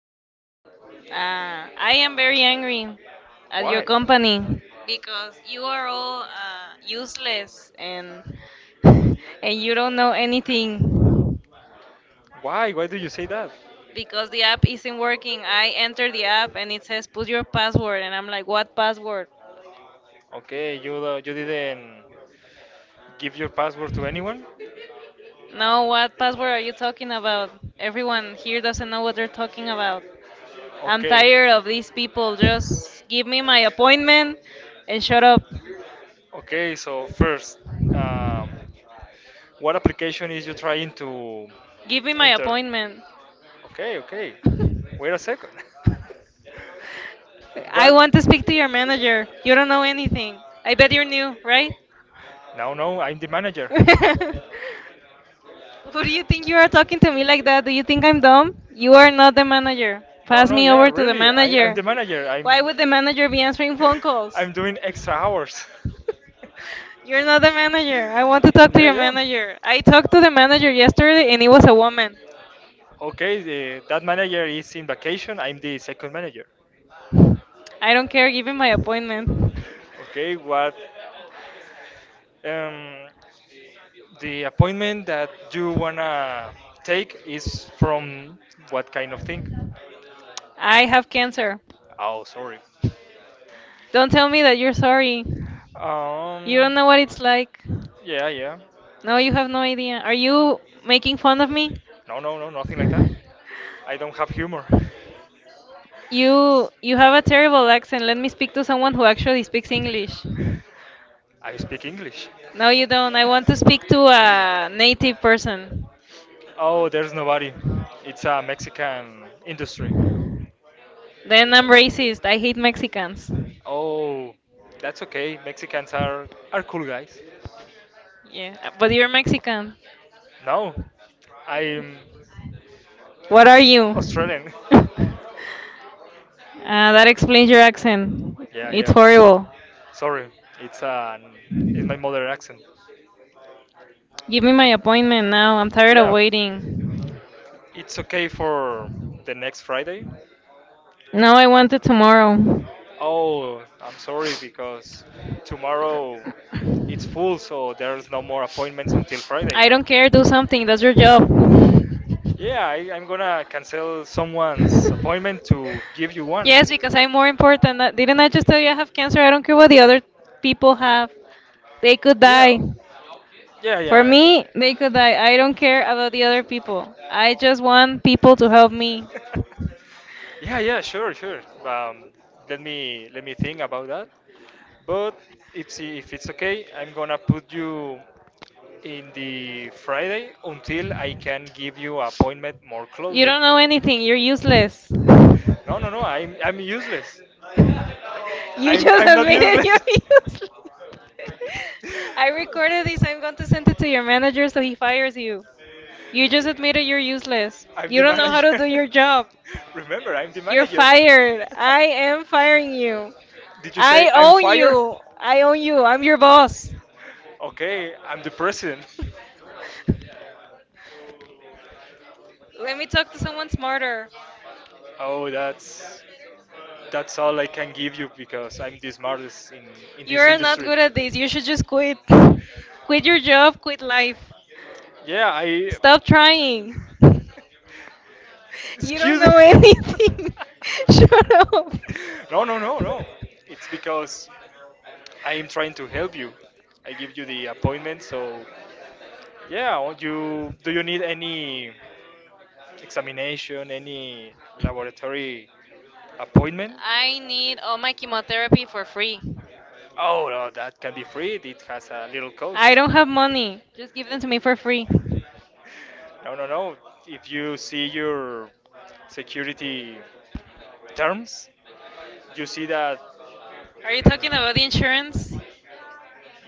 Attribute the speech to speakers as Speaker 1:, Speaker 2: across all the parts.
Speaker 1: Why?
Speaker 2: I
Speaker 1: I
Speaker 2: am
Speaker 1: am very
Speaker 2: very
Speaker 1: angry.
Speaker 2: angry at your
Speaker 1: Why?
Speaker 2: company
Speaker 1: Because
Speaker 2: because
Speaker 1: you
Speaker 2: you are
Speaker 1: are all
Speaker 2: all
Speaker 1: useless
Speaker 2: useless and and
Speaker 1: and you
Speaker 2: you don't
Speaker 1: don't
Speaker 2: know
Speaker 1: know anything.
Speaker 2: anything
Speaker 1: Why? Why do you say that? Because
Speaker 2: because the
Speaker 1: the app
Speaker 2: app
Speaker 1: isn't
Speaker 2: isn't
Speaker 1: working.
Speaker 2: working. I
Speaker 1: I entered
Speaker 2: enter the
Speaker 1: the app
Speaker 2: app
Speaker 1: and
Speaker 2: and it
Speaker 1: it
Speaker 2: says
Speaker 1: says
Speaker 2: put
Speaker 1: put
Speaker 2: your
Speaker 1: your password,
Speaker 2: password,
Speaker 1: and
Speaker 2: and
Speaker 1: I'm
Speaker 2: I'm like,
Speaker 1: like,
Speaker 2: what
Speaker 1: what password?
Speaker 2: password?
Speaker 1: Okay, you you didn't give your password to anyone?
Speaker 2: No,
Speaker 1: No, what
Speaker 2: what password
Speaker 1: password
Speaker 2: are
Speaker 1: are
Speaker 2: you
Speaker 1: you talking
Speaker 2: talking about?
Speaker 1: about? Everyone
Speaker 2: Everyone
Speaker 1: here
Speaker 2: here doesn't
Speaker 1: doesn't know
Speaker 2: know
Speaker 1: what
Speaker 2: what they're
Speaker 1: they're
Speaker 2: talking
Speaker 1: talking
Speaker 2: about.
Speaker 1: about. I'm,
Speaker 2: I'm
Speaker 1: okay,
Speaker 2: tired
Speaker 1: tired
Speaker 2: of
Speaker 1: of these
Speaker 2: these
Speaker 1: people.
Speaker 2: people.
Speaker 1: Just
Speaker 2: Just give
Speaker 1: give
Speaker 2: me
Speaker 1: me my
Speaker 2: my
Speaker 1: appointment
Speaker 2: appointment
Speaker 1: and
Speaker 2: and shut
Speaker 1: shut up.
Speaker 2: up.
Speaker 1: Okay, so first, um, what application is you trying to
Speaker 2: Give
Speaker 1: give
Speaker 2: me
Speaker 1: me my
Speaker 2: my
Speaker 1: enter appointment?
Speaker 2: appointment.
Speaker 1: Okay, okay. Wait a second. I,
Speaker 2: I
Speaker 1: what, want
Speaker 2: want to
Speaker 1: you.
Speaker 2: speak to your manager.
Speaker 1: You
Speaker 2: You
Speaker 1: don't
Speaker 2: don't
Speaker 1: know
Speaker 2: know
Speaker 1: anything.
Speaker 2: anything.
Speaker 1: I
Speaker 2: I
Speaker 1: bet
Speaker 2: bet you're
Speaker 1: you're new, right?
Speaker 2: new, right?
Speaker 1: No, no, I'm the manager.
Speaker 2: Who
Speaker 1: Who
Speaker 2: do
Speaker 1: do
Speaker 2: you
Speaker 1: you
Speaker 2: think
Speaker 1: think you
Speaker 2: you
Speaker 1: are
Speaker 2: are talking to me like that? Do you think I'm dumb?
Speaker 1: talking?
Speaker 2: You are not the manager.
Speaker 1: No,
Speaker 2: Pass
Speaker 1: no,
Speaker 2: me
Speaker 1: yeah,
Speaker 2: over to the
Speaker 1: really. I'm
Speaker 2: manager.
Speaker 1: the manager. I'm
Speaker 2: Why would the manager be answering phone calls?
Speaker 1: I'm doing extra hours.
Speaker 2: You're not the manager. I want to talk to
Speaker 1: Yeah,
Speaker 2: your
Speaker 1: yeah.
Speaker 2: manager. I talked to the manager yesterday and it was a woman.
Speaker 1: Okay, that manager is in vacation. I'm the second manager.
Speaker 2: I don't care. Give me my appointment.
Speaker 1: Okay, what um, the appointment that you wanna take is from what kind of thing?
Speaker 2: I have cancer.
Speaker 1: Oh, sorry.
Speaker 2: Don't tell me that you're sorry. You
Speaker 1: Um,
Speaker 2: don't know what it's like.
Speaker 1: Yeah, yeah.
Speaker 2: No, you have no idea. Are you making fun of me?
Speaker 1: No, no, no, nothing like that. I don't have humor.
Speaker 2: You have a terrible accent. Let me speak to someone who actually speaks English.
Speaker 1: I speak English.
Speaker 2: No, you don't. I want to speak to a native person.
Speaker 1: Oh, there's nobody. It's a Mexican industry.
Speaker 2: Then I'm racist. I hate Mexicans.
Speaker 1: Oh, that's okay. Mexicans are cool guys.
Speaker 2: Yeah, but you're Mexican.
Speaker 1: No, I'm
Speaker 2: What are you?
Speaker 1: Australian.
Speaker 2: That explains your accent.
Speaker 1: Yeah,
Speaker 2: It's
Speaker 1: yeah.
Speaker 2: horrible.
Speaker 1: Sorry, it's an it's my mother accent.
Speaker 2: Give me my appointment now. I'm tired of
Speaker 1: Yeah,
Speaker 2: waiting.
Speaker 1: it's okay for the next Friday.
Speaker 2: No, I want it tomorrow.
Speaker 1: Oh, I'm sorry because tomorrow it's full, so there's no more appointments until Friday.
Speaker 2: I don't care. Do something. That's your job.
Speaker 1: Yeah, I'm gonna cancel someone's appointment to give you one.
Speaker 2: Yes, because I'm more important. Didn't I just tell you I have cancer? I don't care what the other people have. They could
Speaker 1: Yeah,
Speaker 2: die.
Speaker 1: yeah,
Speaker 2: For
Speaker 1: yeah. Yeah.
Speaker 2: me, they could die. I don't care about the other people. I
Speaker 1: Yeah.
Speaker 2: just want people to help me.
Speaker 1: Yeah, yeah, sure, sure. Um, let me think about that. But it's if it's okay, I'm gonna put you in the Friday until I can give you appointment more
Speaker 2: You
Speaker 1: closely.
Speaker 2: don't know anything. You're useless.
Speaker 1: No, no, no. I'm useless.
Speaker 2: You
Speaker 1: I'm
Speaker 2: just
Speaker 1: I'm not
Speaker 2: admitted you're
Speaker 1: useless.
Speaker 2: useless. I recorded this. I'm going to send it to your manager so he fires you. You just admitted you're useless.
Speaker 1: I'm
Speaker 2: You
Speaker 1: the
Speaker 2: don't know how
Speaker 1: manager.
Speaker 2: to do your job.
Speaker 1: Remember, I'm the
Speaker 2: You're
Speaker 1: manager.
Speaker 2: fired. I am firing you.
Speaker 1: Did you say
Speaker 2: I
Speaker 1: I'm
Speaker 2: own
Speaker 1: fired?
Speaker 2: you. I own you. I'm your boss.
Speaker 1: Okay, I'm the president.
Speaker 2: Let me talk to someone smarter.
Speaker 1: Oh, that's all I can give you because I'm the smartest in this
Speaker 2: You're not
Speaker 1: industry.
Speaker 2: good at this. You should just quit. Quit your job, quit life.
Speaker 1: Yeah, I.
Speaker 2: Stop
Speaker 1: Stop trying. You,
Speaker 2: trying. You don't
Speaker 1: excuse me,
Speaker 2: know
Speaker 1: are me.
Speaker 2: anything. Shut up.
Speaker 1: No, no, no, no. It's because I am trying to help you. I give you the appointment, so yeah. What, you do you need any examination, any laboratory appointment? I
Speaker 2: I need
Speaker 1: need
Speaker 2: all
Speaker 1: all
Speaker 2: my
Speaker 1: my chemotherapy
Speaker 2: chemotherapy
Speaker 1: for
Speaker 2: for
Speaker 1: free.
Speaker 2: free. Can be
Speaker 1: Oh, no, that can be free. It has a little. I cost.
Speaker 2: I don't
Speaker 1: Don't.
Speaker 2: have money.
Speaker 1: Just
Speaker 2: Just
Speaker 1: give
Speaker 2: give them to me
Speaker 1: them.
Speaker 2: for free.
Speaker 1: No, no, no. If you see your security terms, you see that.
Speaker 2: Are you talking
Speaker 1: Mm.
Speaker 2: about the insurance? Yeah.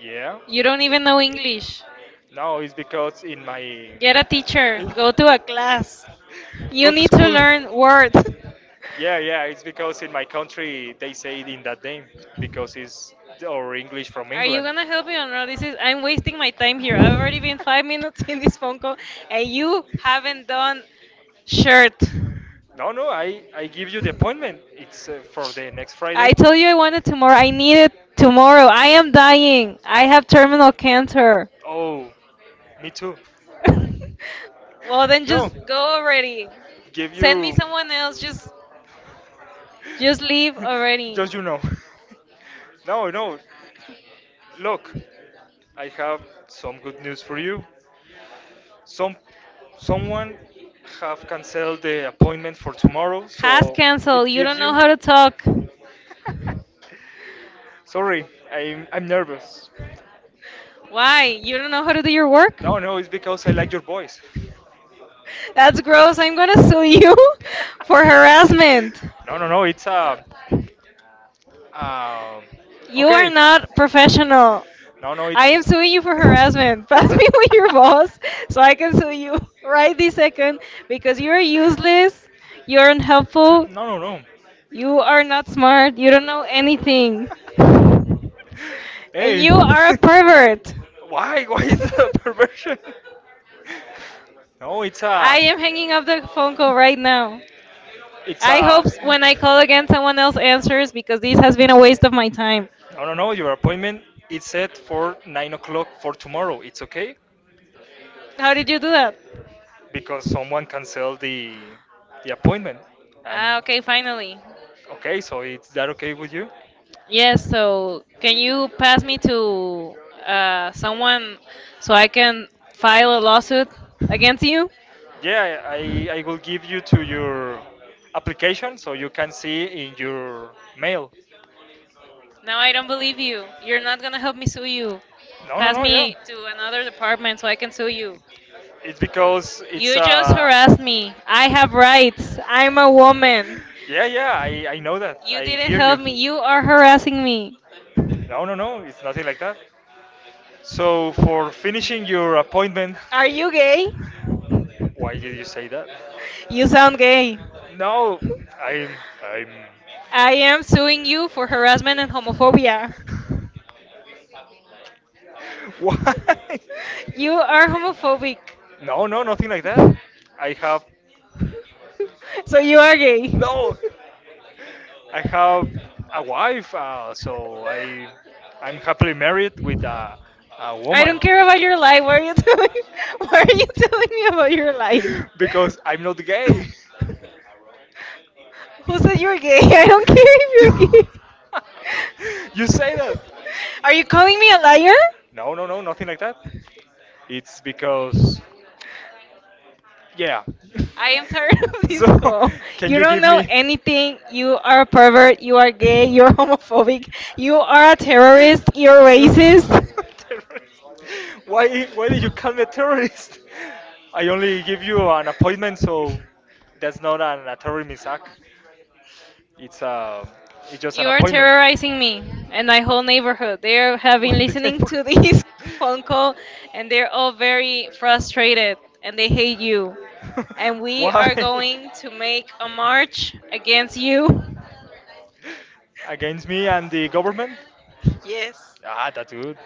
Speaker 1: Yeah.
Speaker 2: You don't even know English.
Speaker 1: No, it's because in my.
Speaker 2: Get a teacher.
Speaker 1: in-
Speaker 2: Go to a class.
Speaker 1: Go
Speaker 2: You
Speaker 1: to
Speaker 2: need to
Speaker 1: school.
Speaker 2: learn words.
Speaker 1: Yeah, yeah, it's because in my country they say it in that name because it's our English from
Speaker 2: Are you
Speaker 1: England.
Speaker 2: gonna help me or not? This is I'm wasting my time here. I've already been 5 minutes in this phone call
Speaker 1: And
Speaker 2: and
Speaker 1: you
Speaker 2: you
Speaker 1: haven't
Speaker 2: haven't
Speaker 1: done.
Speaker 2: done shirt.
Speaker 1: No, no, I give you the appointment. It's for the next, I,
Speaker 2: I
Speaker 1: Friday.
Speaker 2: told you I wanted tomorrow. I need it tomorrow. I am dying. I
Speaker 1: I.
Speaker 2: have terminal cancer.
Speaker 1: Oh, me too. Well
Speaker 2: Well,
Speaker 1: then,
Speaker 2: then
Speaker 1: no,
Speaker 2: just
Speaker 1: just
Speaker 2: go
Speaker 1: go already.
Speaker 2: already.
Speaker 1: Give, send me
Speaker 2: Send
Speaker 1: you.
Speaker 2: me someone
Speaker 1: Someone else,
Speaker 2: else. Just
Speaker 1: just
Speaker 2: just leave
Speaker 1: leave already.
Speaker 2: already.
Speaker 1: Just. No, no. Look, I have some good news for you. Some someone have canceled the appointment for tomorrow. Have so
Speaker 2: Has
Speaker 1: canceled. It. You
Speaker 2: canceled.
Speaker 1: don't
Speaker 2: You
Speaker 1: gives
Speaker 2: don't know
Speaker 1: don't know
Speaker 2: how to
Speaker 1: you
Speaker 2: talk.
Speaker 1: how to sorry, I'm nervous.
Speaker 2: Why? You don't know how to do your work?
Speaker 1: No, no, it's because I like your voice.
Speaker 2: That's gross. I'm gonna sue you for harassment.
Speaker 1: No, no, no, it's um,
Speaker 2: You are
Speaker 1: okay.
Speaker 2: not professional.
Speaker 1: No, no, it's.
Speaker 2: I am suing you for harassment. Pass me with your boss so I can sue you right this second because you're useless, you're unhelpful,
Speaker 1: No, no,
Speaker 2: you are not smart, you don't know
Speaker 1: no.
Speaker 2: anything, and
Speaker 1: Hey.
Speaker 2: you
Speaker 1: You are
Speaker 2: are a
Speaker 1: a pervert.
Speaker 2: pervert.
Speaker 1: Why? Why is that a perversion? No, it's I
Speaker 2: I
Speaker 1: a.
Speaker 2: am
Speaker 1: Am bringing
Speaker 2: hanging up
Speaker 1: up the
Speaker 2: the phone call
Speaker 1: photo
Speaker 2: right
Speaker 1: right
Speaker 2: now.
Speaker 1: now. It's
Speaker 2: I
Speaker 1: I a.
Speaker 2: hope
Speaker 1: Will, when
Speaker 2: when
Speaker 1: I
Speaker 2: I
Speaker 1: call
Speaker 2: call again,
Speaker 1: again.
Speaker 2: someone else answers because this has been a waste of my time.
Speaker 1: No, no, no. Your appointment is set for 9 o'clock for tomorrow. It's okay.
Speaker 2: How
Speaker 1: How
Speaker 2: did
Speaker 1: did you
Speaker 2: you
Speaker 1: do
Speaker 2: do that?
Speaker 1: that? Because someone canceled the appointment, and
Speaker 2: Ah,
Speaker 1: ah,
Speaker 2: okay,
Speaker 1: okay, finally.
Speaker 2: finally.
Speaker 1: Okay, so is that okay with you? Yes.
Speaker 2: Yes,
Speaker 1: So
Speaker 2: so
Speaker 1: so
Speaker 2: can
Speaker 1: can you
Speaker 2: you pass
Speaker 1: pass,
Speaker 2: me to
Speaker 1: uh, someone
Speaker 2: someone so
Speaker 1: so.
Speaker 2: I can file a lawsuit against you?
Speaker 1: Yeah, I will give you to your application so you can see in your mail.
Speaker 2: No,
Speaker 1: No,
Speaker 2: I
Speaker 1: I
Speaker 2: don't
Speaker 1: don't
Speaker 2: believe
Speaker 1: believe you.
Speaker 2: you. You're
Speaker 1: You're
Speaker 2: not
Speaker 1: not going
Speaker 2: gonna
Speaker 1: to
Speaker 2: help
Speaker 1: help
Speaker 2: me
Speaker 1: me
Speaker 2: sue
Speaker 1: sue you.
Speaker 2: you.
Speaker 1: No, no,
Speaker 2: Pass
Speaker 1: no, yeah. To
Speaker 2: me to another
Speaker 1: another department
Speaker 2: department
Speaker 1: so
Speaker 2: so
Speaker 1: I
Speaker 2: I
Speaker 1: can
Speaker 2: can
Speaker 1: sue
Speaker 2: sue
Speaker 1: you.
Speaker 2: you.
Speaker 1: It's because it's
Speaker 2: You
Speaker 1: you just,
Speaker 2: just harassed
Speaker 1: Harassed me.
Speaker 2: me.
Speaker 1: I
Speaker 2: I
Speaker 1: have
Speaker 2: have
Speaker 1: rights.
Speaker 2: rights.
Speaker 1: I'm
Speaker 2: I'm
Speaker 1: a,
Speaker 2: a woman.
Speaker 1: yeah, yeah, I know that.
Speaker 2: You
Speaker 1: I
Speaker 2: didn't
Speaker 1: hear you.
Speaker 2: help me.
Speaker 1: You
Speaker 2: You are
Speaker 1: are.
Speaker 2: harassing me.
Speaker 1: No, no, no, it's nothing like that. So, for finishing your appointment,
Speaker 2: Are
Speaker 1: are
Speaker 2: you
Speaker 1: you gay?
Speaker 2: gay?
Speaker 1: Why did you say that?
Speaker 2: You sound gay.
Speaker 1: No, I'm
Speaker 2: I am suing you for harassment and homophobia.
Speaker 1: why?
Speaker 2: You are homophobic.
Speaker 1: No, no, nothing like that. I have
Speaker 2: So you are gay.
Speaker 1: no. I have a wife, so I'm happily married with a
Speaker 2: I
Speaker 1: woman.
Speaker 2: don't care about your life. Why are you telling? Why are you telling me about your life?
Speaker 1: Because I'm not gay.
Speaker 2: Who said you're gay? I don't care if you're gay.
Speaker 1: You say that? Are
Speaker 2: Are
Speaker 1: you
Speaker 2: you calling
Speaker 1: calling me
Speaker 2: me a
Speaker 1: a
Speaker 2: liar?
Speaker 1: liar? No, no, no, nothing like that. It's because, yeah.
Speaker 2: I
Speaker 1: I am
Speaker 2: am tired of this
Speaker 1: so,
Speaker 2: call.
Speaker 1: can.
Speaker 2: You
Speaker 1: You don't
Speaker 2: don't
Speaker 1: give know me
Speaker 2: know
Speaker 1: anything.
Speaker 2: anything.
Speaker 1: You
Speaker 2: You are a pervert. You
Speaker 1: are
Speaker 2: are
Speaker 1: gay.
Speaker 2: gay. You're
Speaker 1: You're homo.
Speaker 2: homophobic.
Speaker 1: You
Speaker 2: You are
Speaker 1: are.
Speaker 2: a terrorist. You're
Speaker 1: So,
Speaker 2: racist.
Speaker 1: terrorist. Why did you call me a terrorist? I only give you an appointment, so that's not an a terrorism act. It's um, it's just an
Speaker 2: You are
Speaker 1: appointment.
Speaker 2: terrorizing me and my whole
Speaker 1: So
Speaker 2: neighborhood. They are
Speaker 1: they're having
Speaker 2: having
Speaker 1: when the these
Speaker 2: listening
Speaker 1: neighbor
Speaker 2: to
Speaker 1: these
Speaker 2: this phone
Speaker 1: phone calls,
Speaker 2: call
Speaker 1: and
Speaker 2: and
Speaker 1: they're
Speaker 2: they're all
Speaker 1: all very
Speaker 2: very
Speaker 1: frustrated,
Speaker 2: frustrated
Speaker 1: and
Speaker 2: and they
Speaker 1: they say,
Speaker 2: hate you.
Speaker 1: and
Speaker 2: And
Speaker 1: we
Speaker 2: we
Speaker 1: why are. Why?
Speaker 2: are
Speaker 1: Going to
Speaker 2: going to
Speaker 1: make
Speaker 2: make a
Speaker 1: a march
Speaker 2: march against
Speaker 1: against you,
Speaker 2: you.
Speaker 1: against me and the government. Yes.
Speaker 2: Yes.
Speaker 1: Ah, that's good.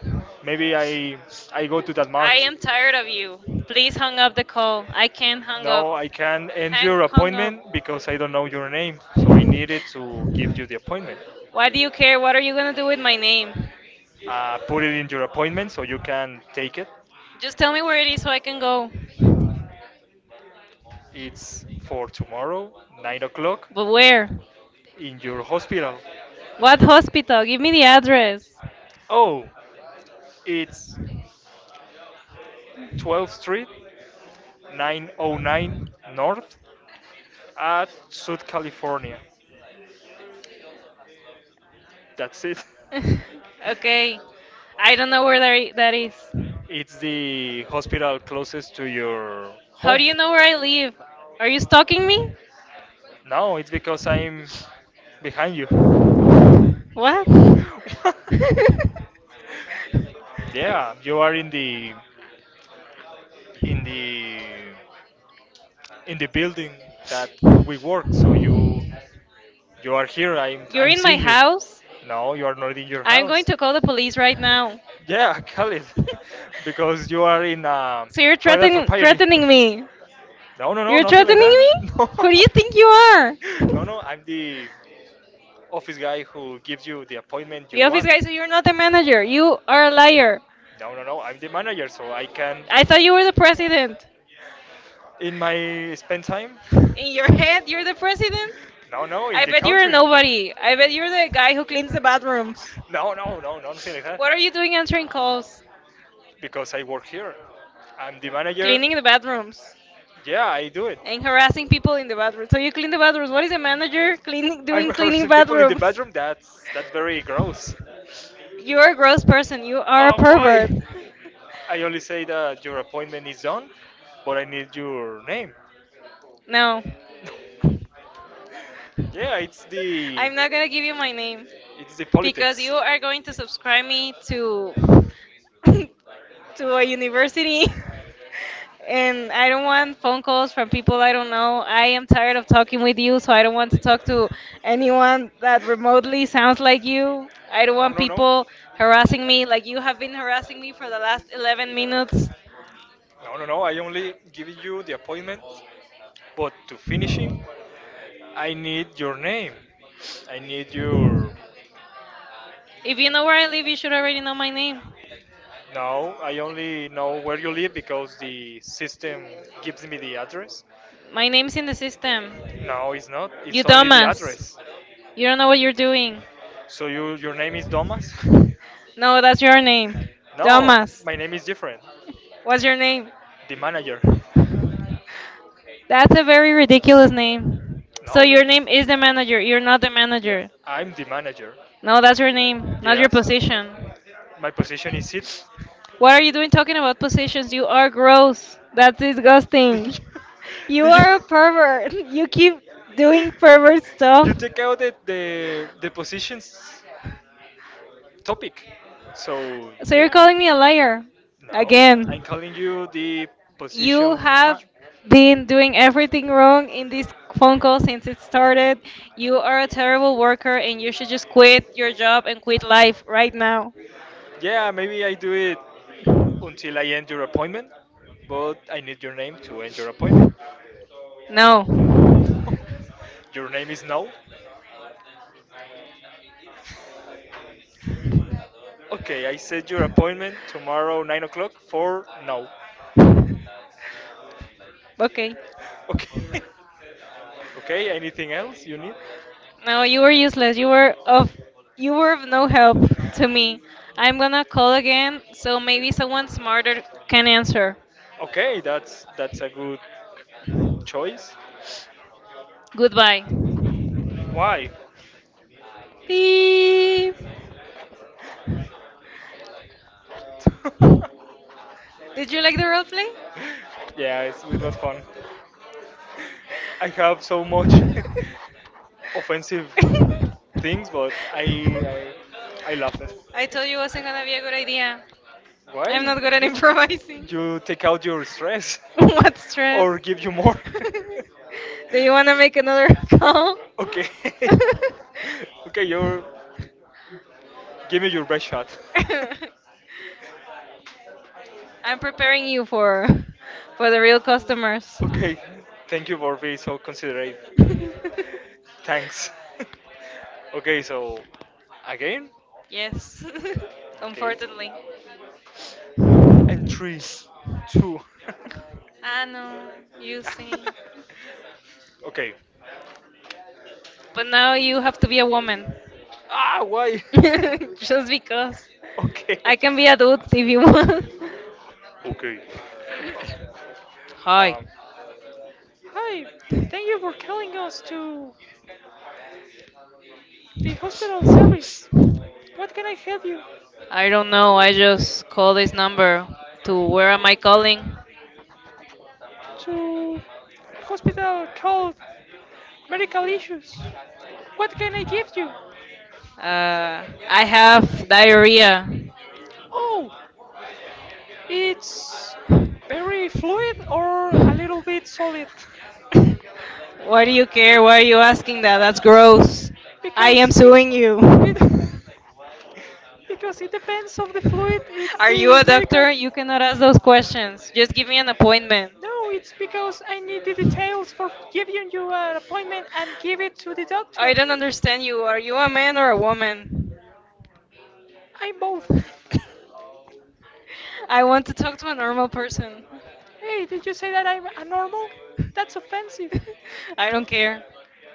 Speaker 1: Maybe I go to that
Speaker 2: I
Speaker 1: march.
Speaker 2: am tired of you. Please hung up the call. I can't hung
Speaker 1: No,
Speaker 2: up.
Speaker 1: I can't end
Speaker 2: Hang
Speaker 1: your
Speaker 2: hung up.
Speaker 1: appointment because I don't know your name, so I needed to give you the appointment. Why
Speaker 2: Why
Speaker 1: do
Speaker 2: do you
Speaker 1: you care?
Speaker 2: care?
Speaker 1: What
Speaker 2: What
Speaker 1: are
Speaker 2: are
Speaker 1: you
Speaker 2: you gonna
Speaker 1: gonna
Speaker 2: do
Speaker 1: do
Speaker 2: with
Speaker 1: with my
Speaker 2: my
Speaker 1: name?
Speaker 2: name?
Speaker 1: Put it in your appointment so you can take it. Just
Speaker 2: Just
Speaker 1: tell
Speaker 2: tell
Speaker 1: me
Speaker 2: me
Speaker 1: where
Speaker 2: where it
Speaker 1: it is
Speaker 2: is
Speaker 1: so
Speaker 2: so
Speaker 1: I
Speaker 2: I
Speaker 1: can
Speaker 2: can
Speaker 1: go.
Speaker 2: go.
Speaker 1: It's for tomorrow, 9 o'clock,
Speaker 2: But where?
Speaker 1: in your
Speaker 2: What
Speaker 1: hospital?
Speaker 2: hospital? Give me the address.
Speaker 1: Oh, it's 12th Street, 909 North at South California. That's it.
Speaker 2: Okay. I don't know where that is.
Speaker 1: It's the hospital closest to your
Speaker 2: How
Speaker 1: home.
Speaker 2: do you know where I live? Are you stalking me?
Speaker 1: No, it's because I'm behind you.
Speaker 2: What?
Speaker 1: Yeah, you are in the in the in the building that we work. So you are here. I'm
Speaker 2: You're
Speaker 1: I'm
Speaker 2: in my
Speaker 1: seeing you.
Speaker 2: house?
Speaker 1: No, you are not in your
Speaker 2: I'm going
Speaker 1: house.
Speaker 2: to call the police right now.
Speaker 1: Yeah, call it because you are in
Speaker 2: So you're
Speaker 1: private
Speaker 2: threatening
Speaker 1: property.
Speaker 2: threatening me.
Speaker 1: No, no, no,
Speaker 2: You're
Speaker 1: nothing like
Speaker 2: threatening
Speaker 1: that.
Speaker 2: me? Who do you think you are?
Speaker 1: No, no, no. I'm the office guy who gives you the appointment
Speaker 2: The
Speaker 1: you
Speaker 2: office
Speaker 1: want.
Speaker 2: guy, so you're not the manager. You are a liar.
Speaker 1: No, no, no. I'm the manager, so I can.
Speaker 2: I thought you were the president.
Speaker 1: In my spend time.
Speaker 2: In
Speaker 1: In your
Speaker 2: your
Speaker 1: head,
Speaker 2: head,
Speaker 1: you're
Speaker 2: you're the
Speaker 1: the president?
Speaker 2: president?
Speaker 1: No, no, in
Speaker 2: I
Speaker 1: I the bet
Speaker 2: bet you're a
Speaker 1: country, you're nobody.
Speaker 2: nobody. I
Speaker 1: I
Speaker 2: bet
Speaker 1: bet you're
Speaker 2: you're the
Speaker 1: the
Speaker 2: guy
Speaker 1: guy who
Speaker 2: who
Speaker 1: cleans
Speaker 2: cleans the
Speaker 1: the bathroom.
Speaker 2: bathrooms.
Speaker 1: No, no, no, no, nothing like that. What
Speaker 2: What
Speaker 1: are
Speaker 2: are you
Speaker 1: you doing
Speaker 2: doing
Speaker 1: answering
Speaker 2: answering
Speaker 1: calls?
Speaker 2: calls?
Speaker 1: Because I work here. I'm the manager.
Speaker 2: Cleaning
Speaker 1: Cleaning
Speaker 2: the
Speaker 1: the bathroom.
Speaker 2: bathrooms
Speaker 1: Yeah, I do it. And
Speaker 2: and
Speaker 1: harassing
Speaker 2: harassing
Speaker 1: people
Speaker 2: people in
Speaker 1: in
Speaker 2: the
Speaker 1: the bathroom.
Speaker 2: bathroom. So
Speaker 1: So
Speaker 2: you
Speaker 1: you
Speaker 2: clean
Speaker 1: clean the
Speaker 2: the
Speaker 1: bathroom?
Speaker 2: bathrooms.
Speaker 1: What
Speaker 2: What is
Speaker 1: is
Speaker 2: a
Speaker 1: a manager
Speaker 2: manager
Speaker 1: cleaning
Speaker 2: cleaning
Speaker 1: I'm cleaning the
Speaker 2: doing cleaning
Speaker 1: harassing people in the
Speaker 2: bathrooms?
Speaker 1: bathroom bathroom. That's very gross. You're
Speaker 2: You're a
Speaker 1: a gross
Speaker 2: gross
Speaker 1: person.
Speaker 2: person.
Speaker 1: You
Speaker 2: You are a
Speaker 1: are a. Oh, gross, why?
Speaker 2: pervert.
Speaker 1: Person. I only say that your appointment is done, but I need your name.
Speaker 2: No.
Speaker 1: Yeah, it's the
Speaker 2: I'm not gonna give you my name,
Speaker 1: it's the
Speaker 2: because
Speaker 1: politics.
Speaker 2: you are going to subscribe me to to a university and I don't want phone calls from people I don't know. I am tired of talking with you, so I don't want to talk to anyone that remotely sounds like you. I don't
Speaker 1: No,
Speaker 2: want
Speaker 1: no, no.
Speaker 2: people harassing me like you have been harassing me for the last 11 minutes.
Speaker 1: No, no, no. I only give you the appointment, but to finishing, I need your name. I need your.
Speaker 2: If
Speaker 1: If you
Speaker 2: you
Speaker 1: know
Speaker 2: know
Speaker 1: where
Speaker 2: where
Speaker 1: I
Speaker 2: I
Speaker 1: live,
Speaker 2: live,
Speaker 1: you
Speaker 2: you
Speaker 1: should
Speaker 2: should
Speaker 1: already
Speaker 2: already
Speaker 1: know
Speaker 2: know
Speaker 1: my
Speaker 2: my
Speaker 1: name.
Speaker 2: name.
Speaker 1: No, I only know where you live because the system gives me the address. My
Speaker 2: My
Speaker 1: name is
Speaker 2: name's in the system.
Speaker 1: system. No, it's not. It's
Speaker 2: You
Speaker 1: It's only the Thomas.
Speaker 2: dumbass.
Speaker 1: Address.
Speaker 2: You don't know what you're doing.
Speaker 1: So you, your name is Thomas? No,
Speaker 2: No, that's
Speaker 1: that's
Speaker 2: your
Speaker 1: me.
Speaker 2: name.
Speaker 1: No, Thomas,
Speaker 2: Thomas.
Speaker 1: my name is different.
Speaker 2: What's
Speaker 1: What's your
Speaker 2: your
Speaker 1: name?
Speaker 2: name?
Speaker 1: The manager. So,
Speaker 2: That's a very ridiculous name. So
Speaker 1: no, no, you're.
Speaker 2: your name is the manager. You're not the
Speaker 1: Yeah,
Speaker 2: manager.
Speaker 1: I'm the manager. No,
Speaker 2: No, that's
Speaker 1: that
Speaker 2: your
Speaker 1: name.
Speaker 2: name,
Speaker 1: What's your,
Speaker 2: not your
Speaker 1: yes, your position?
Speaker 2: position.
Speaker 1: My position is it.
Speaker 2: What are you
Speaker 1: What
Speaker 2: doing talking about
Speaker 1: position?
Speaker 2: positions? You are gross. That's
Speaker 1: Did
Speaker 2: disgusting.
Speaker 1: you,
Speaker 2: You
Speaker 1: did you,
Speaker 2: are a pervert. You keep doing pervert stuff.
Speaker 1: you take out the positions topic. So,
Speaker 2: So you're
Speaker 1: yeah.
Speaker 2: calling me a liar.
Speaker 1: No, I'm
Speaker 2: Again.
Speaker 1: calling you the position.
Speaker 2: You have been doing everything wrong in this phone call since it started. You are a terrible worker and you should just quit your job and quit life right now.
Speaker 1: Yeah, maybe I do it until I end your appointment, but I need your name to end your appointment.
Speaker 2: No.
Speaker 1: Your name is no. Okay, I set your appointment tomorrow, 9 o'clock, for now.
Speaker 2: Okay.
Speaker 1: Okay. Okay, anything else you need?
Speaker 2: No, you were useless. You were of no help to me. I'm gonna call again, so maybe someone smarter can answer.
Speaker 1: Okay, that's a good choice.
Speaker 2: Goodbye.
Speaker 1: Why?
Speaker 2: Beep. Did you like the role play?
Speaker 1: Yeah, it was fun. I have so much offensive things, but I I laugh it.
Speaker 2: I told you it wasn't gonna be a good idea. I'm
Speaker 1: Why?
Speaker 2: not good at
Speaker 1: It's
Speaker 2: improvising.
Speaker 1: good. You take out your stress,
Speaker 2: What stress?
Speaker 1: or give you more.
Speaker 2: Do you wanna make another call?
Speaker 1: Okay. Okay, you're. Give me your best shot.
Speaker 2: I'm preparing you for the real customers.
Speaker 1: Okay, thank you for being so considerate. Thanks. Okay, so again?
Speaker 2: Yes,
Speaker 1: Okay.
Speaker 2: unfortunately.
Speaker 1: And three, two.
Speaker 2: I know, you see.
Speaker 1: Okay.
Speaker 2: But now you have to be a woman.
Speaker 1: Ah, why?
Speaker 2: Just because.
Speaker 1: Okay.
Speaker 2: I can be a dude if you want.
Speaker 1: Okay.
Speaker 2: Hi.
Speaker 1: Wow. Hi, thank you for calling us to the hospital service. What can I help you?
Speaker 2: I
Speaker 1: I don't
Speaker 2: don't know.
Speaker 1: know. I
Speaker 2: I
Speaker 1: just
Speaker 2: just call
Speaker 1: call
Speaker 2: this
Speaker 1: this number.
Speaker 2: number. To where
Speaker 1: Where
Speaker 2: am
Speaker 1: am
Speaker 2: I
Speaker 1: I calling?
Speaker 2: calling?
Speaker 1: To hospital called medical issues. What can I give you?
Speaker 2: I
Speaker 1: I have.
Speaker 2: have diarrhea.
Speaker 1: Oh, it's very fluid or a little bit solid.
Speaker 2: Why do you
Speaker 1: Why
Speaker 2: care? Why are
Speaker 1: do
Speaker 2: you
Speaker 1: you
Speaker 2: asking
Speaker 1: asking
Speaker 2: that? That's
Speaker 1: that?
Speaker 2: gross. I am
Speaker 1: Because
Speaker 2: suing you.
Speaker 1: it because it depends on the fluid. It's
Speaker 2: Are you
Speaker 1: the
Speaker 2: a
Speaker 1: a medical.
Speaker 2: doctor? You cannot ask those questions. Just give me an appointment.
Speaker 1: No, it's because I need the details for giving you an appointment and give it to the doctor.
Speaker 2: I don't understand you. Are you a man or a woman?
Speaker 1: I'm both.
Speaker 2: I want to talk to a normal person.
Speaker 1: Hey, did you say that I'm a normal? That's offensive.
Speaker 2: I don't care.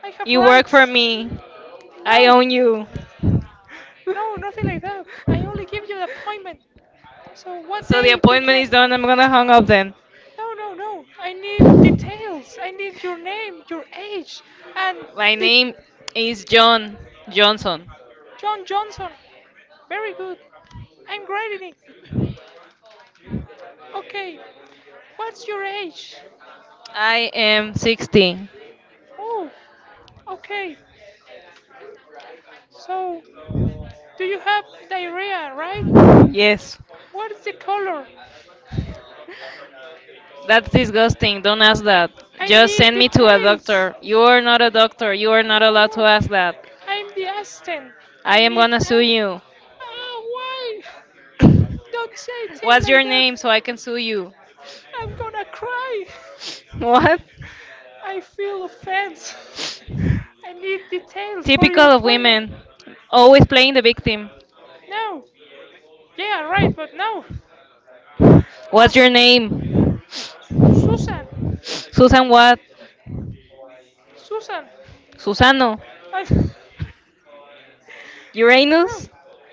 Speaker 1: I have
Speaker 2: You work
Speaker 1: rights.
Speaker 2: for me. I
Speaker 1: No.
Speaker 2: own you.
Speaker 1: No, nothing like that. I only give you the appointment. So what
Speaker 2: So the
Speaker 1: day you
Speaker 2: appointment
Speaker 1: can?
Speaker 2: is done. I'm gonna hang up then.
Speaker 1: No, no, no. I need details. I need your name, your age, and
Speaker 2: My
Speaker 1: the
Speaker 2: name is John Johnson.
Speaker 1: John Johnson. Very good. I'm great in it. Okay. What's your age?
Speaker 2: I
Speaker 1: I
Speaker 2: am 16.
Speaker 1: Oh, okay. So, do you have diarrhea, right?
Speaker 2: Yes,
Speaker 1: What is the color? That
Speaker 2: that's disgusting. Don't ask that.
Speaker 1: I
Speaker 2: Just
Speaker 1: need
Speaker 2: send me to a
Speaker 1: details.
Speaker 2: doctor. You are not a doctor. You are not
Speaker 1: No,
Speaker 2: allowed to
Speaker 1: no.
Speaker 2: ask that.
Speaker 1: I'm the assistant. I
Speaker 2: I
Speaker 1: I
Speaker 2: am
Speaker 1: need.
Speaker 2: gonna sue
Speaker 1: Monitoring.
Speaker 2: you.
Speaker 1: Oh, why? Don't say things
Speaker 2: What's
Speaker 1: like
Speaker 2: your
Speaker 1: that. Name?
Speaker 2: name so I can sue you?
Speaker 1: I'm gonna cry. What?
Speaker 2: What?
Speaker 1: I feel offense. I need details for
Speaker 2: Typical
Speaker 1: your
Speaker 2: of
Speaker 1: appointment.
Speaker 2: women. Always playing the victim.
Speaker 1: No. Yeah, right, but no. Uh,
Speaker 2: What's your name?
Speaker 1: Susan.
Speaker 2: Susan what?
Speaker 1: Susan.
Speaker 2: Susano.
Speaker 1: I, no.
Speaker 2: Uranus?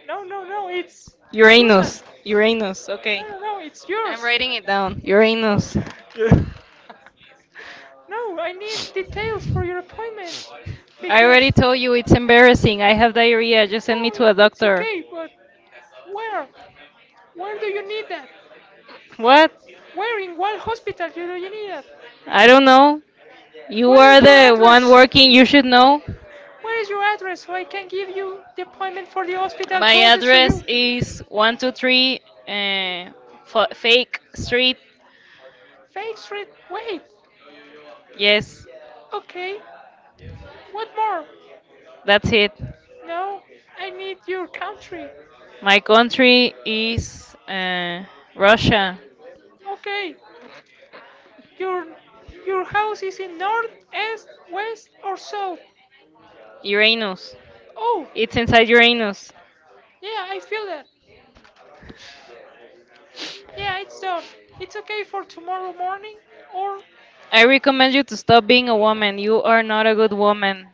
Speaker 1: No, no, no. It's Susan.
Speaker 2: Uranus. Uranus. Okay.
Speaker 1: No, no, no. It's
Speaker 2: I'm
Speaker 1: yours.
Speaker 2: writing it down. Uranus.
Speaker 1: Yeah. No, I need details for your appointment
Speaker 2: I
Speaker 1: because
Speaker 2: already told you it's embarrassing. I have diarrhea. Just send me
Speaker 1: no.
Speaker 2: to a doctor.
Speaker 1: Okay, but where? Where do you need that?
Speaker 2: What?
Speaker 1: Where in what hospital do you need that?
Speaker 2: I don't know. You
Speaker 1: Where
Speaker 2: are
Speaker 1: is your
Speaker 2: the one
Speaker 1: address?
Speaker 2: working. You should know.
Speaker 1: Where is your address so I can give you the appointment for the hospital
Speaker 2: My
Speaker 1: closest to
Speaker 2: address
Speaker 1: you?
Speaker 2: is 123 Fake Street.
Speaker 1: Fake Street, wait. Yes,
Speaker 2: Yes,
Speaker 1: okay, what more? That's
Speaker 2: that's
Speaker 1: it.
Speaker 2: it.
Speaker 1: No, I need your country.
Speaker 2: My
Speaker 1: My name
Speaker 2: country
Speaker 1: is
Speaker 2: is
Speaker 1: uh,
Speaker 2: Russia.
Speaker 1: Ro- okay, Your your house is in north, east, west, or south?
Speaker 2: Uranus.
Speaker 1: Oh,
Speaker 2: It's inside Uranus.
Speaker 1: yeah, I feel that. Yeah, it's done. It's okay for tomorrow morning, or I
Speaker 2: I
Speaker 1: recommend
Speaker 2: recommend
Speaker 1: you you
Speaker 2: you
Speaker 1: to
Speaker 2: to
Speaker 1: stop
Speaker 2: stop
Speaker 1: being a
Speaker 2: being a
Speaker 1: a woman.
Speaker 2: woman. You
Speaker 1: Woman. Are
Speaker 2: are
Speaker 1: not
Speaker 2: not
Speaker 1: a
Speaker 2: a
Speaker 1: good
Speaker 2: good
Speaker 1: woman.
Speaker 2: woman.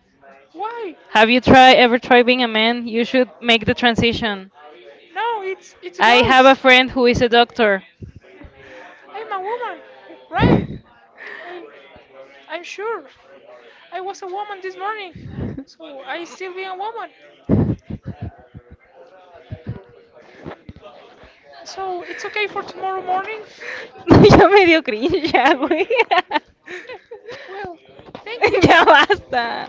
Speaker 1: Why? Have
Speaker 2: Have you try ever tried being a man?
Speaker 1: you
Speaker 2: You should make the
Speaker 1: made?
Speaker 2: transition.
Speaker 1: Sense? No, it's
Speaker 2: I have a
Speaker 1: gross.
Speaker 2: friend who is a doctor.
Speaker 1: I'm a woman, right? I I'm sure. I was a woman this morning, so I still be a woman. So it's okay for tomorrow morning?
Speaker 2: No, Ya me dio cringe, ya, güey.
Speaker 1: Well, thank you.
Speaker 2: Ya basta.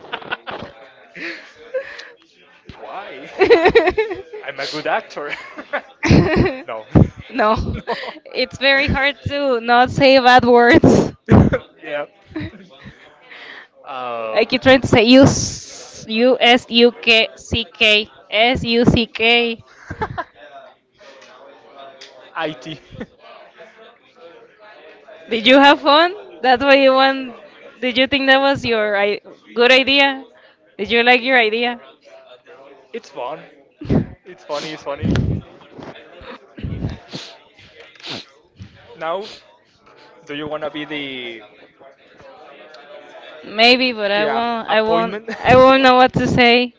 Speaker 1: Why? I'm a good actor. no.
Speaker 2: No,
Speaker 1: No.
Speaker 2: it's very hard to not say bad words.
Speaker 1: yeah. Um,
Speaker 2: I keep trying to say U S U S U K C K S U C K.
Speaker 1: IT.
Speaker 2: Did you have fun? That's why you want. Did you think that was good idea? Did you like your idea?
Speaker 1: It's fun. It's funny. It's funny. Now, do you wanna be the
Speaker 2: Maybe, but
Speaker 1: yeah appointment?
Speaker 2: I won't know what to say.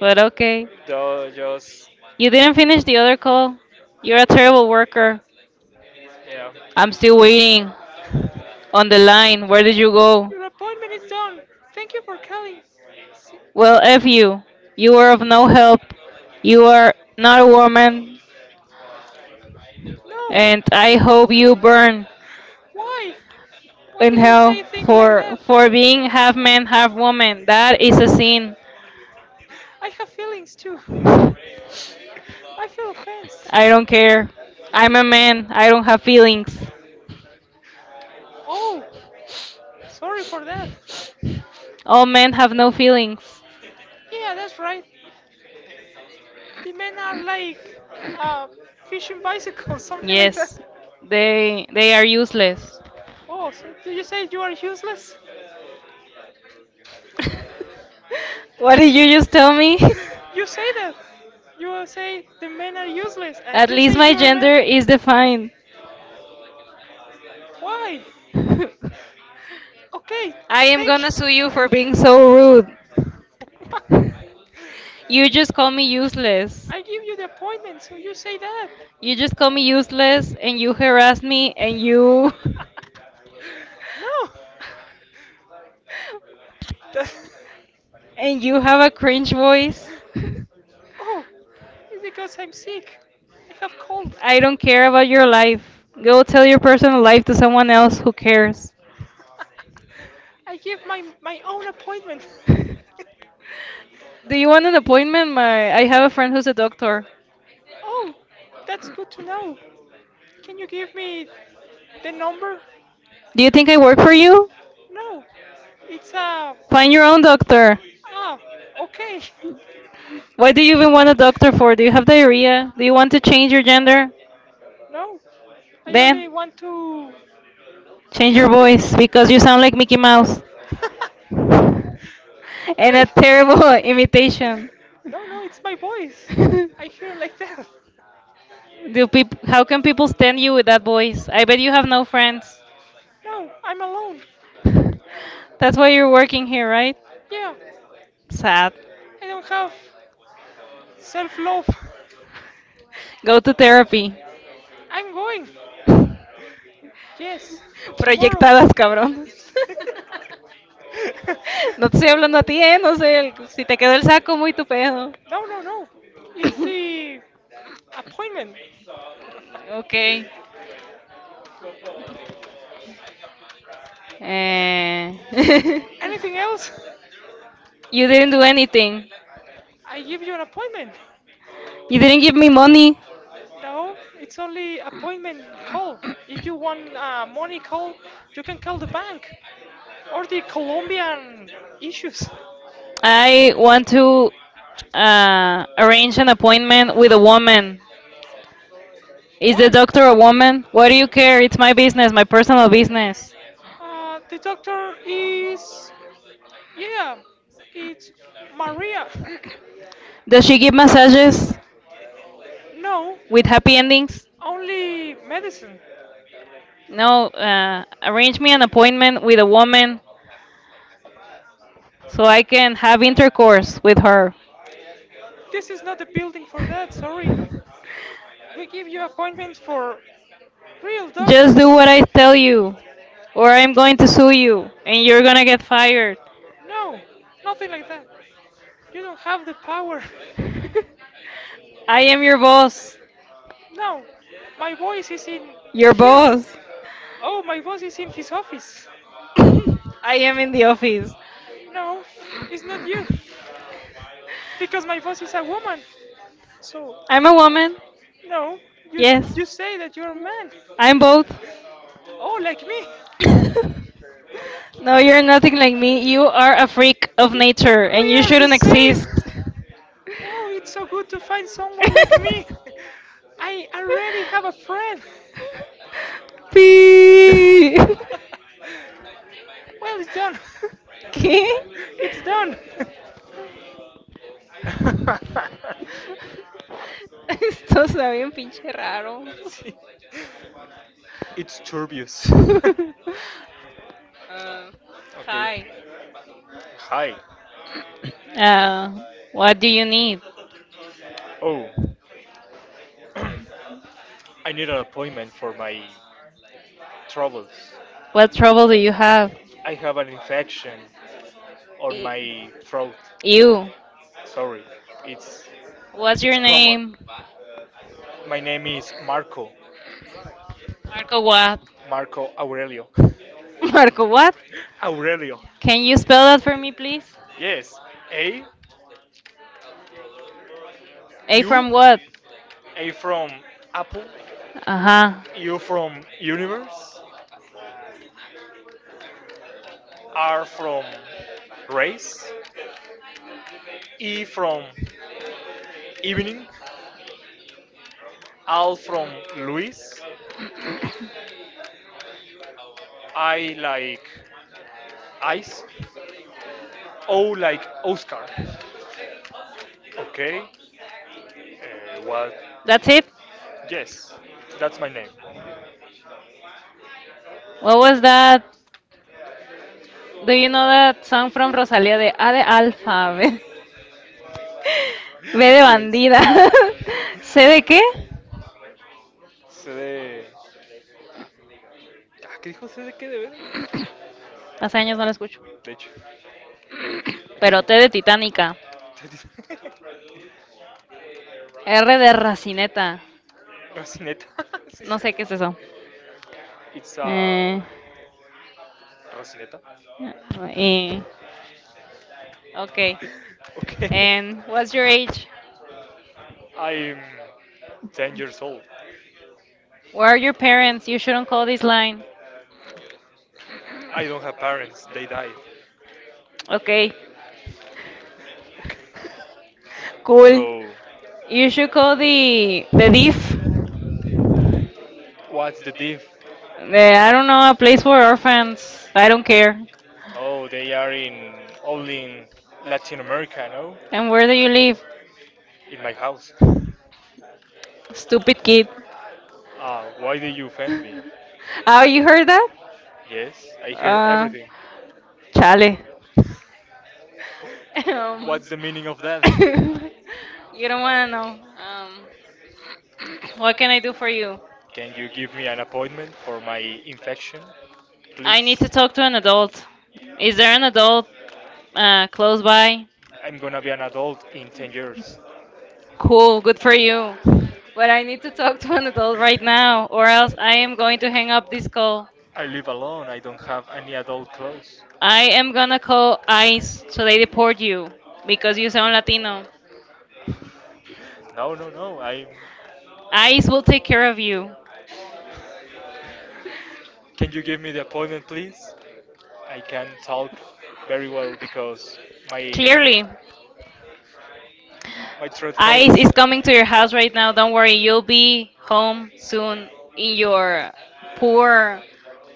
Speaker 2: But okay.
Speaker 1: Do just
Speaker 2: You didn't finish the other call. You're a terrible worker.
Speaker 1: yeah.
Speaker 2: I'm still waiting. On the line. Where did you go?
Speaker 1: Your appointment is done. Thank you for calling. See-
Speaker 2: Well, F you. You were of no help. You are not a woman.
Speaker 1: No.
Speaker 2: And I hope you burn
Speaker 1: Why? Why do
Speaker 2: in
Speaker 1: you
Speaker 2: hell
Speaker 1: say things like
Speaker 2: for
Speaker 1: that?
Speaker 2: for being half man, half woman. That is a sin.
Speaker 1: I have feelings too. I feel offense.
Speaker 2: I don't care. I'm a man. I don't have feelings.
Speaker 1: Oh, sorry for that.
Speaker 2: All men have no feelings.
Speaker 1: Yeah, that's right. The men are like uh, fishing bicycles, something like that.
Speaker 2: Yes. They are useless.
Speaker 1: Oh, so do you say you are useless?
Speaker 2: What did you just tell me?
Speaker 1: You say that. You say the men are useless, and
Speaker 2: At
Speaker 1: you
Speaker 2: least
Speaker 1: say
Speaker 2: my
Speaker 1: you are men.
Speaker 2: gender is defined.
Speaker 1: Why?
Speaker 2: I
Speaker 1: Okay,
Speaker 2: am
Speaker 1: thank
Speaker 2: gonna sue
Speaker 1: you.
Speaker 2: you for being so rude.
Speaker 1: Why?
Speaker 2: You just call me useless.
Speaker 1: I give you the appointment, so you say that.
Speaker 2: You just call me useless and you harass me and you
Speaker 1: no.
Speaker 2: and you have a cringe voice.
Speaker 1: That- Oh, it's because I'm sick. I have cold.
Speaker 2: I don't care about your life. Go tell your personal life to someone else who cares.
Speaker 1: I gave my own appointment.
Speaker 2: Do you want an appointment? My I have a friend who's a doctor.
Speaker 1: Oh, that's good to know. Can you give me the number?
Speaker 2: Do you think I work for you?
Speaker 1: No, it's
Speaker 2: Find your own doctor.
Speaker 1: ah okay.
Speaker 2: What do you even want a doctor for? Do you have diarrhea? Do you
Speaker 1: You
Speaker 2: want
Speaker 1: want
Speaker 2: to
Speaker 1: to
Speaker 2: change
Speaker 1: change your
Speaker 2: your
Speaker 1: gender?
Speaker 2: gender?
Speaker 1: No, I
Speaker 2: Then
Speaker 1: only want to
Speaker 2: change your
Speaker 1: don't get
Speaker 2: voice
Speaker 1: cold.
Speaker 2: because
Speaker 1: Because
Speaker 2: you
Speaker 1: you
Speaker 2: sound
Speaker 1: sound
Speaker 2: like
Speaker 1: like Mickey
Speaker 2: Mickey Mouse.
Speaker 1: Mouse.
Speaker 2: And
Speaker 1: okay.
Speaker 2: a terrible imitation.
Speaker 1: No, no, it's my voice. I hear like that.
Speaker 2: Do peop How can people stand you with that voice? I bet you have no friends.
Speaker 1: No, I'm alone.
Speaker 2: That's why you're working here, right?
Speaker 1: Yeah,
Speaker 2: Sad.
Speaker 1: I don't have self love.
Speaker 2: Go to therapy.
Speaker 1: I'm going. Yes, tomorrow.
Speaker 2: Proyectadas, cabrón. No te estoy hablando a ti, ¿eh? No sé, si te quedó el saco muy tu pedo.
Speaker 1: no, no, no. It's the appointment.
Speaker 2: Okay. Eh,
Speaker 1: Anything else?
Speaker 2: you didn't do anything.
Speaker 1: I give you an appointment.
Speaker 2: You didn't give me money.
Speaker 1: No, it's only appointment call. If you want money call, you can call the bank or the Colombian issues.
Speaker 2: I want to arrange an appointment with a woman. Is the
Speaker 1: Why?
Speaker 2: doctor a woman? What do you care? It's my business, my personal business.
Speaker 1: The doctor is. Yeah, it's Maria.
Speaker 2: Does she give massages
Speaker 1: No,
Speaker 2: with happy endings?
Speaker 1: only medicine.
Speaker 2: No, arrange me an appointment with a woman so I can have intercourse with her.
Speaker 1: This is not the building for that, sorry. We give you appointments for real doctor.
Speaker 2: Just do what I tell you, or I'm going to sue you and you're gonna get fired.
Speaker 1: No, nothing like that. You don't have the power.
Speaker 2: I am your boss.
Speaker 1: No, my voice is in
Speaker 2: Your
Speaker 1: here.
Speaker 2: boss.
Speaker 1: Oh, my voice is in his office.
Speaker 2: I am in the office.
Speaker 1: No, it's not you. Because my voice is a woman. So,
Speaker 2: I'm a woman.
Speaker 1: no, you
Speaker 2: Yes.
Speaker 1: you say that you're a man.
Speaker 2: I'm both.
Speaker 1: Oh, like me.
Speaker 2: No, you're nothing like me. You are a freak of nature and
Speaker 1: We
Speaker 2: you
Speaker 1: are the
Speaker 2: shouldn't
Speaker 1: same.
Speaker 2: exist.
Speaker 1: Oh, it's so good to find someone like me. I already have a friend.
Speaker 2: Pi.
Speaker 1: Well, it's done.
Speaker 2: ¿Qué?
Speaker 1: Okay. It's done. so
Speaker 2: Esto está bien
Speaker 1: sorry,
Speaker 2: pinche raro.
Speaker 1: teacher. It's turbious.
Speaker 2: Ah,
Speaker 1: Okay.
Speaker 2: hi.
Speaker 1: Hi. Hi.
Speaker 2: Uh, what do you need?
Speaker 1: Oh, I need an appointment for my troubles.
Speaker 2: What trouble do you have?
Speaker 1: I have an infection on
Speaker 2: E-
Speaker 1: my throat. You.
Speaker 2: You.
Speaker 1: Sorry. It's what's
Speaker 2: What's
Speaker 1: it's
Speaker 2: your
Speaker 1: your name? Common.
Speaker 2: name?
Speaker 1: My name is Marco. Marco
Speaker 2: Marco what?
Speaker 1: Aurelio.
Speaker 2: Marco what?
Speaker 1: Aurelio.
Speaker 2: Can you spell that for me, please?
Speaker 1: Yes. A. A
Speaker 2: A
Speaker 1: U.
Speaker 2: from
Speaker 1: From
Speaker 2: what?
Speaker 1: A from Apple.
Speaker 2: Uh
Speaker 1: U from Universe. R from Race. E from Evening. L from Luis.
Speaker 2: huh.
Speaker 1: I like Ice. O like Oscar. Okay. What?
Speaker 2: That's it?
Speaker 1: Yes. That's my name.
Speaker 2: What
Speaker 1: Oh,
Speaker 2: was that?
Speaker 1: do
Speaker 2: Do
Speaker 1: you
Speaker 2: you
Speaker 1: know
Speaker 2: know
Speaker 1: that
Speaker 2: that
Speaker 1: I'm
Speaker 2: song
Speaker 1: from
Speaker 2: from Rosalía de A de Alfa?
Speaker 1: Rosario?
Speaker 2: B, B de
Speaker 1: Yes.
Speaker 2: bandida. ¿C de qué?
Speaker 1: C de. Ah, ¿qué dijo? C de qué de ver.
Speaker 2: Hace años no la escucho.
Speaker 1: De hecho, hay que
Speaker 2: Pero T
Speaker 1: escuchar.
Speaker 2: de Titánica. R de racineta.
Speaker 1: Rocineta. Sí, sí.
Speaker 2: No sé qué es eso.
Speaker 1: It's a.
Speaker 2: Eh,
Speaker 1: Rocineta.
Speaker 2: eh, okay.
Speaker 1: Okay.
Speaker 2: And
Speaker 1: What's
Speaker 2: what's
Speaker 1: your
Speaker 2: your
Speaker 1: age?
Speaker 2: age?
Speaker 1: I'm 10 years old. Who
Speaker 2: Where are
Speaker 1: are
Speaker 2: your
Speaker 1: your
Speaker 2: parents?
Speaker 1: parents?
Speaker 2: You
Speaker 1: You
Speaker 2: shouldn't
Speaker 1: shouldn't
Speaker 2: call
Speaker 1: call
Speaker 2: this
Speaker 1: this nine.
Speaker 2: line.
Speaker 1: I don't have parents. They died.
Speaker 2: Okay.
Speaker 1: Okay. Okay.
Speaker 2: Cool.
Speaker 1: So,
Speaker 2: You should call the diff.
Speaker 1: what's the diff?
Speaker 2: I don't know a place for orphans. I don't care.
Speaker 1: Oh, they are in only in Latin America, no?
Speaker 2: And where do you live?
Speaker 1: In my house.
Speaker 2: Stupid kid.
Speaker 1: Ah, why did you offend me?
Speaker 2: Oh, you heard that?
Speaker 1: Yes, I hear
Speaker 2: Uh,
Speaker 1: everything.
Speaker 2: chale. um,
Speaker 1: What's the meaning of that?
Speaker 2: you don't wanna know. What can I do for you?
Speaker 1: Can you give me an appointment for my infection,
Speaker 2: I need
Speaker 1: please?
Speaker 2: to talk to an adult. Is
Speaker 1: Is
Speaker 2: there
Speaker 1: there
Speaker 2: an
Speaker 1: an
Speaker 2: adult
Speaker 1: adult
Speaker 2: close by?
Speaker 1: I'm gonna be an adult in 10 years.
Speaker 2: Cool, good for
Speaker 1: For you?
Speaker 2: you. But
Speaker 1: But
Speaker 2: I
Speaker 1: I
Speaker 2: need
Speaker 1: need
Speaker 2: to
Speaker 1: to
Speaker 2: talk
Speaker 1: talk
Speaker 2: to
Speaker 1: to
Speaker 2: an
Speaker 1: an adult
Speaker 2: adult right
Speaker 1: like
Speaker 2: now, or
Speaker 1: around.
Speaker 2: else I
Speaker 1: I
Speaker 2: am
Speaker 1: am
Speaker 2: going
Speaker 1: going
Speaker 2: to hang up
Speaker 1: up to
Speaker 2: this
Speaker 1: school.
Speaker 2: call.
Speaker 1: I live alone, I don't have any adult clothes.
Speaker 2: I am gonna call ICE so they deport you because you sound Latino.
Speaker 1: No, no, no, I'm.
Speaker 2: ICE will take care of you.
Speaker 1: Can you give me the appointment, please? I can talk very well because my very.
Speaker 2: Clearly.
Speaker 1: My throat
Speaker 2: Ice is
Speaker 1: hurts.
Speaker 2: coming to your house right now. Don't worry, you'll be
Speaker 1: Home
Speaker 2: home soon in
Speaker 1: soon in your
Speaker 2: your poor,
Speaker 1: poor,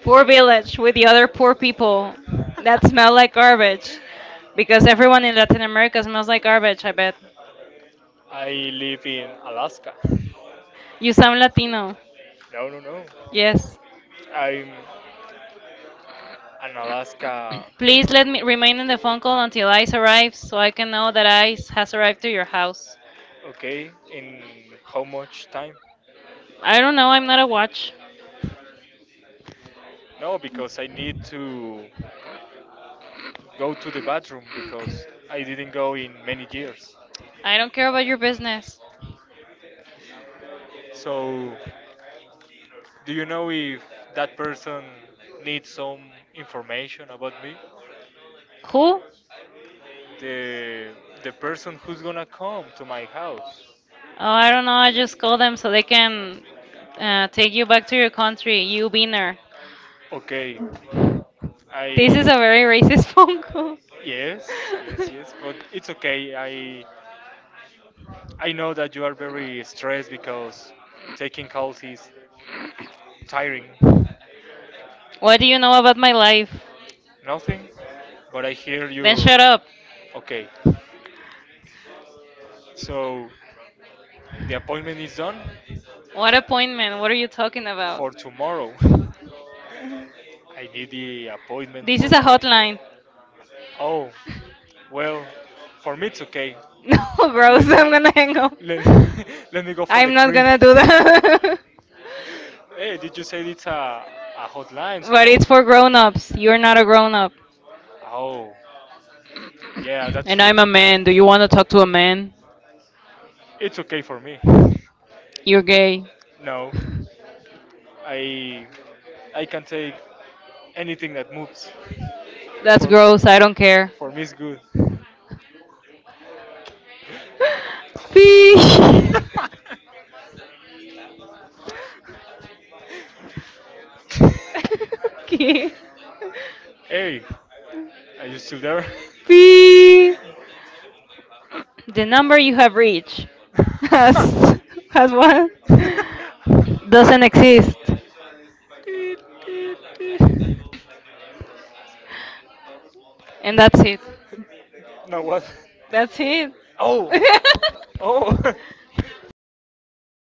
Speaker 2: poor
Speaker 1: poor soul
Speaker 2: village with the other poor people that smell
Speaker 1: that
Speaker 2: like
Speaker 1: like garbage.
Speaker 2: garbage.
Speaker 1: Because
Speaker 2: Because everyone
Speaker 1: everyone
Speaker 2: in
Speaker 1: in
Speaker 2: Latin
Speaker 1: Latin
Speaker 2: America
Speaker 1: America
Speaker 2: smells
Speaker 1: smells
Speaker 2: like
Speaker 1: like
Speaker 2: garbage,
Speaker 1: garbage,
Speaker 2: I
Speaker 1: I
Speaker 2: bet.
Speaker 1: bet. I live in Alaska.
Speaker 2: You sound Latino.
Speaker 1: No, no, no. Yes.
Speaker 2: Yes.
Speaker 1: I'm an Alaska.
Speaker 2: Please let me remain in the phone call until Ice arrives so I can know that Ice has arrived to your house.
Speaker 1: Okay, in how much time?
Speaker 2: I don't know, I'm not a watch.
Speaker 1: No, because I need to go to the bathroom because I didn't go in many years.
Speaker 2: I don't care about your business.
Speaker 1: So, do you know if that person needs some information about me?
Speaker 2: Who?
Speaker 1: The the person who's gonna come to my house.
Speaker 2: Oh, I don't know. I just call them so they can take you back to your country. You winner.
Speaker 1: Okay,
Speaker 2: This is
Speaker 1: I
Speaker 2: a very racist phone call.
Speaker 1: yes, yes, yes, but it's okay. I know that you are very stressed because taking calls is tiring.
Speaker 2: What do you know about my life?
Speaker 1: Nothing, but I hear
Speaker 2: Then
Speaker 1: you're
Speaker 2: shut up.
Speaker 1: okay. So the appointment is done
Speaker 2: What appointment? What are you talking about?
Speaker 1: for tomorrow. I need the appointment
Speaker 2: This
Speaker 1: for
Speaker 2: is a
Speaker 1: my.
Speaker 2: hotline.
Speaker 1: Oh, well, for me it's okay.
Speaker 2: No, gross.
Speaker 1: Let
Speaker 2: I'm
Speaker 1: me
Speaker 2: gonna hang up.
Speaker 1: let, let me go for the
Speaker 2: I'm not
Speaker 1: cream.
Speaker 2: gonna do that.
Speaker 1: Hey, did you say it's a hotline? So,
Speaker 2: But it's for grown ups. You're not a grown up.
Speaker 1: oh, yeah, that's
Speaker 2: And
Speaker 1: true.
Speaker 2: I'm a man. Do you want to talk to a man?
Speaker 1: It's okay for me.
Speaker 2: You're gay.
Speaker 1: No, I I can take anything that moves.
Speaker 2: That's
Speaker 1: For
Speaker 2: gross. I don't care.
Speaker 1: for me, it's good.
Speaker 2: Pee. okay.
Speaker 1: hey, are you still there?
Speaker 2: Pee. The number you have reached has has what? Doesn't exist.
Speaker 1: Teet, teet, teet.
Speaker 2: And that's it.
Speaker 1: Now what?
Speaker 2: That's it.
Speaker 1: Oh, oh.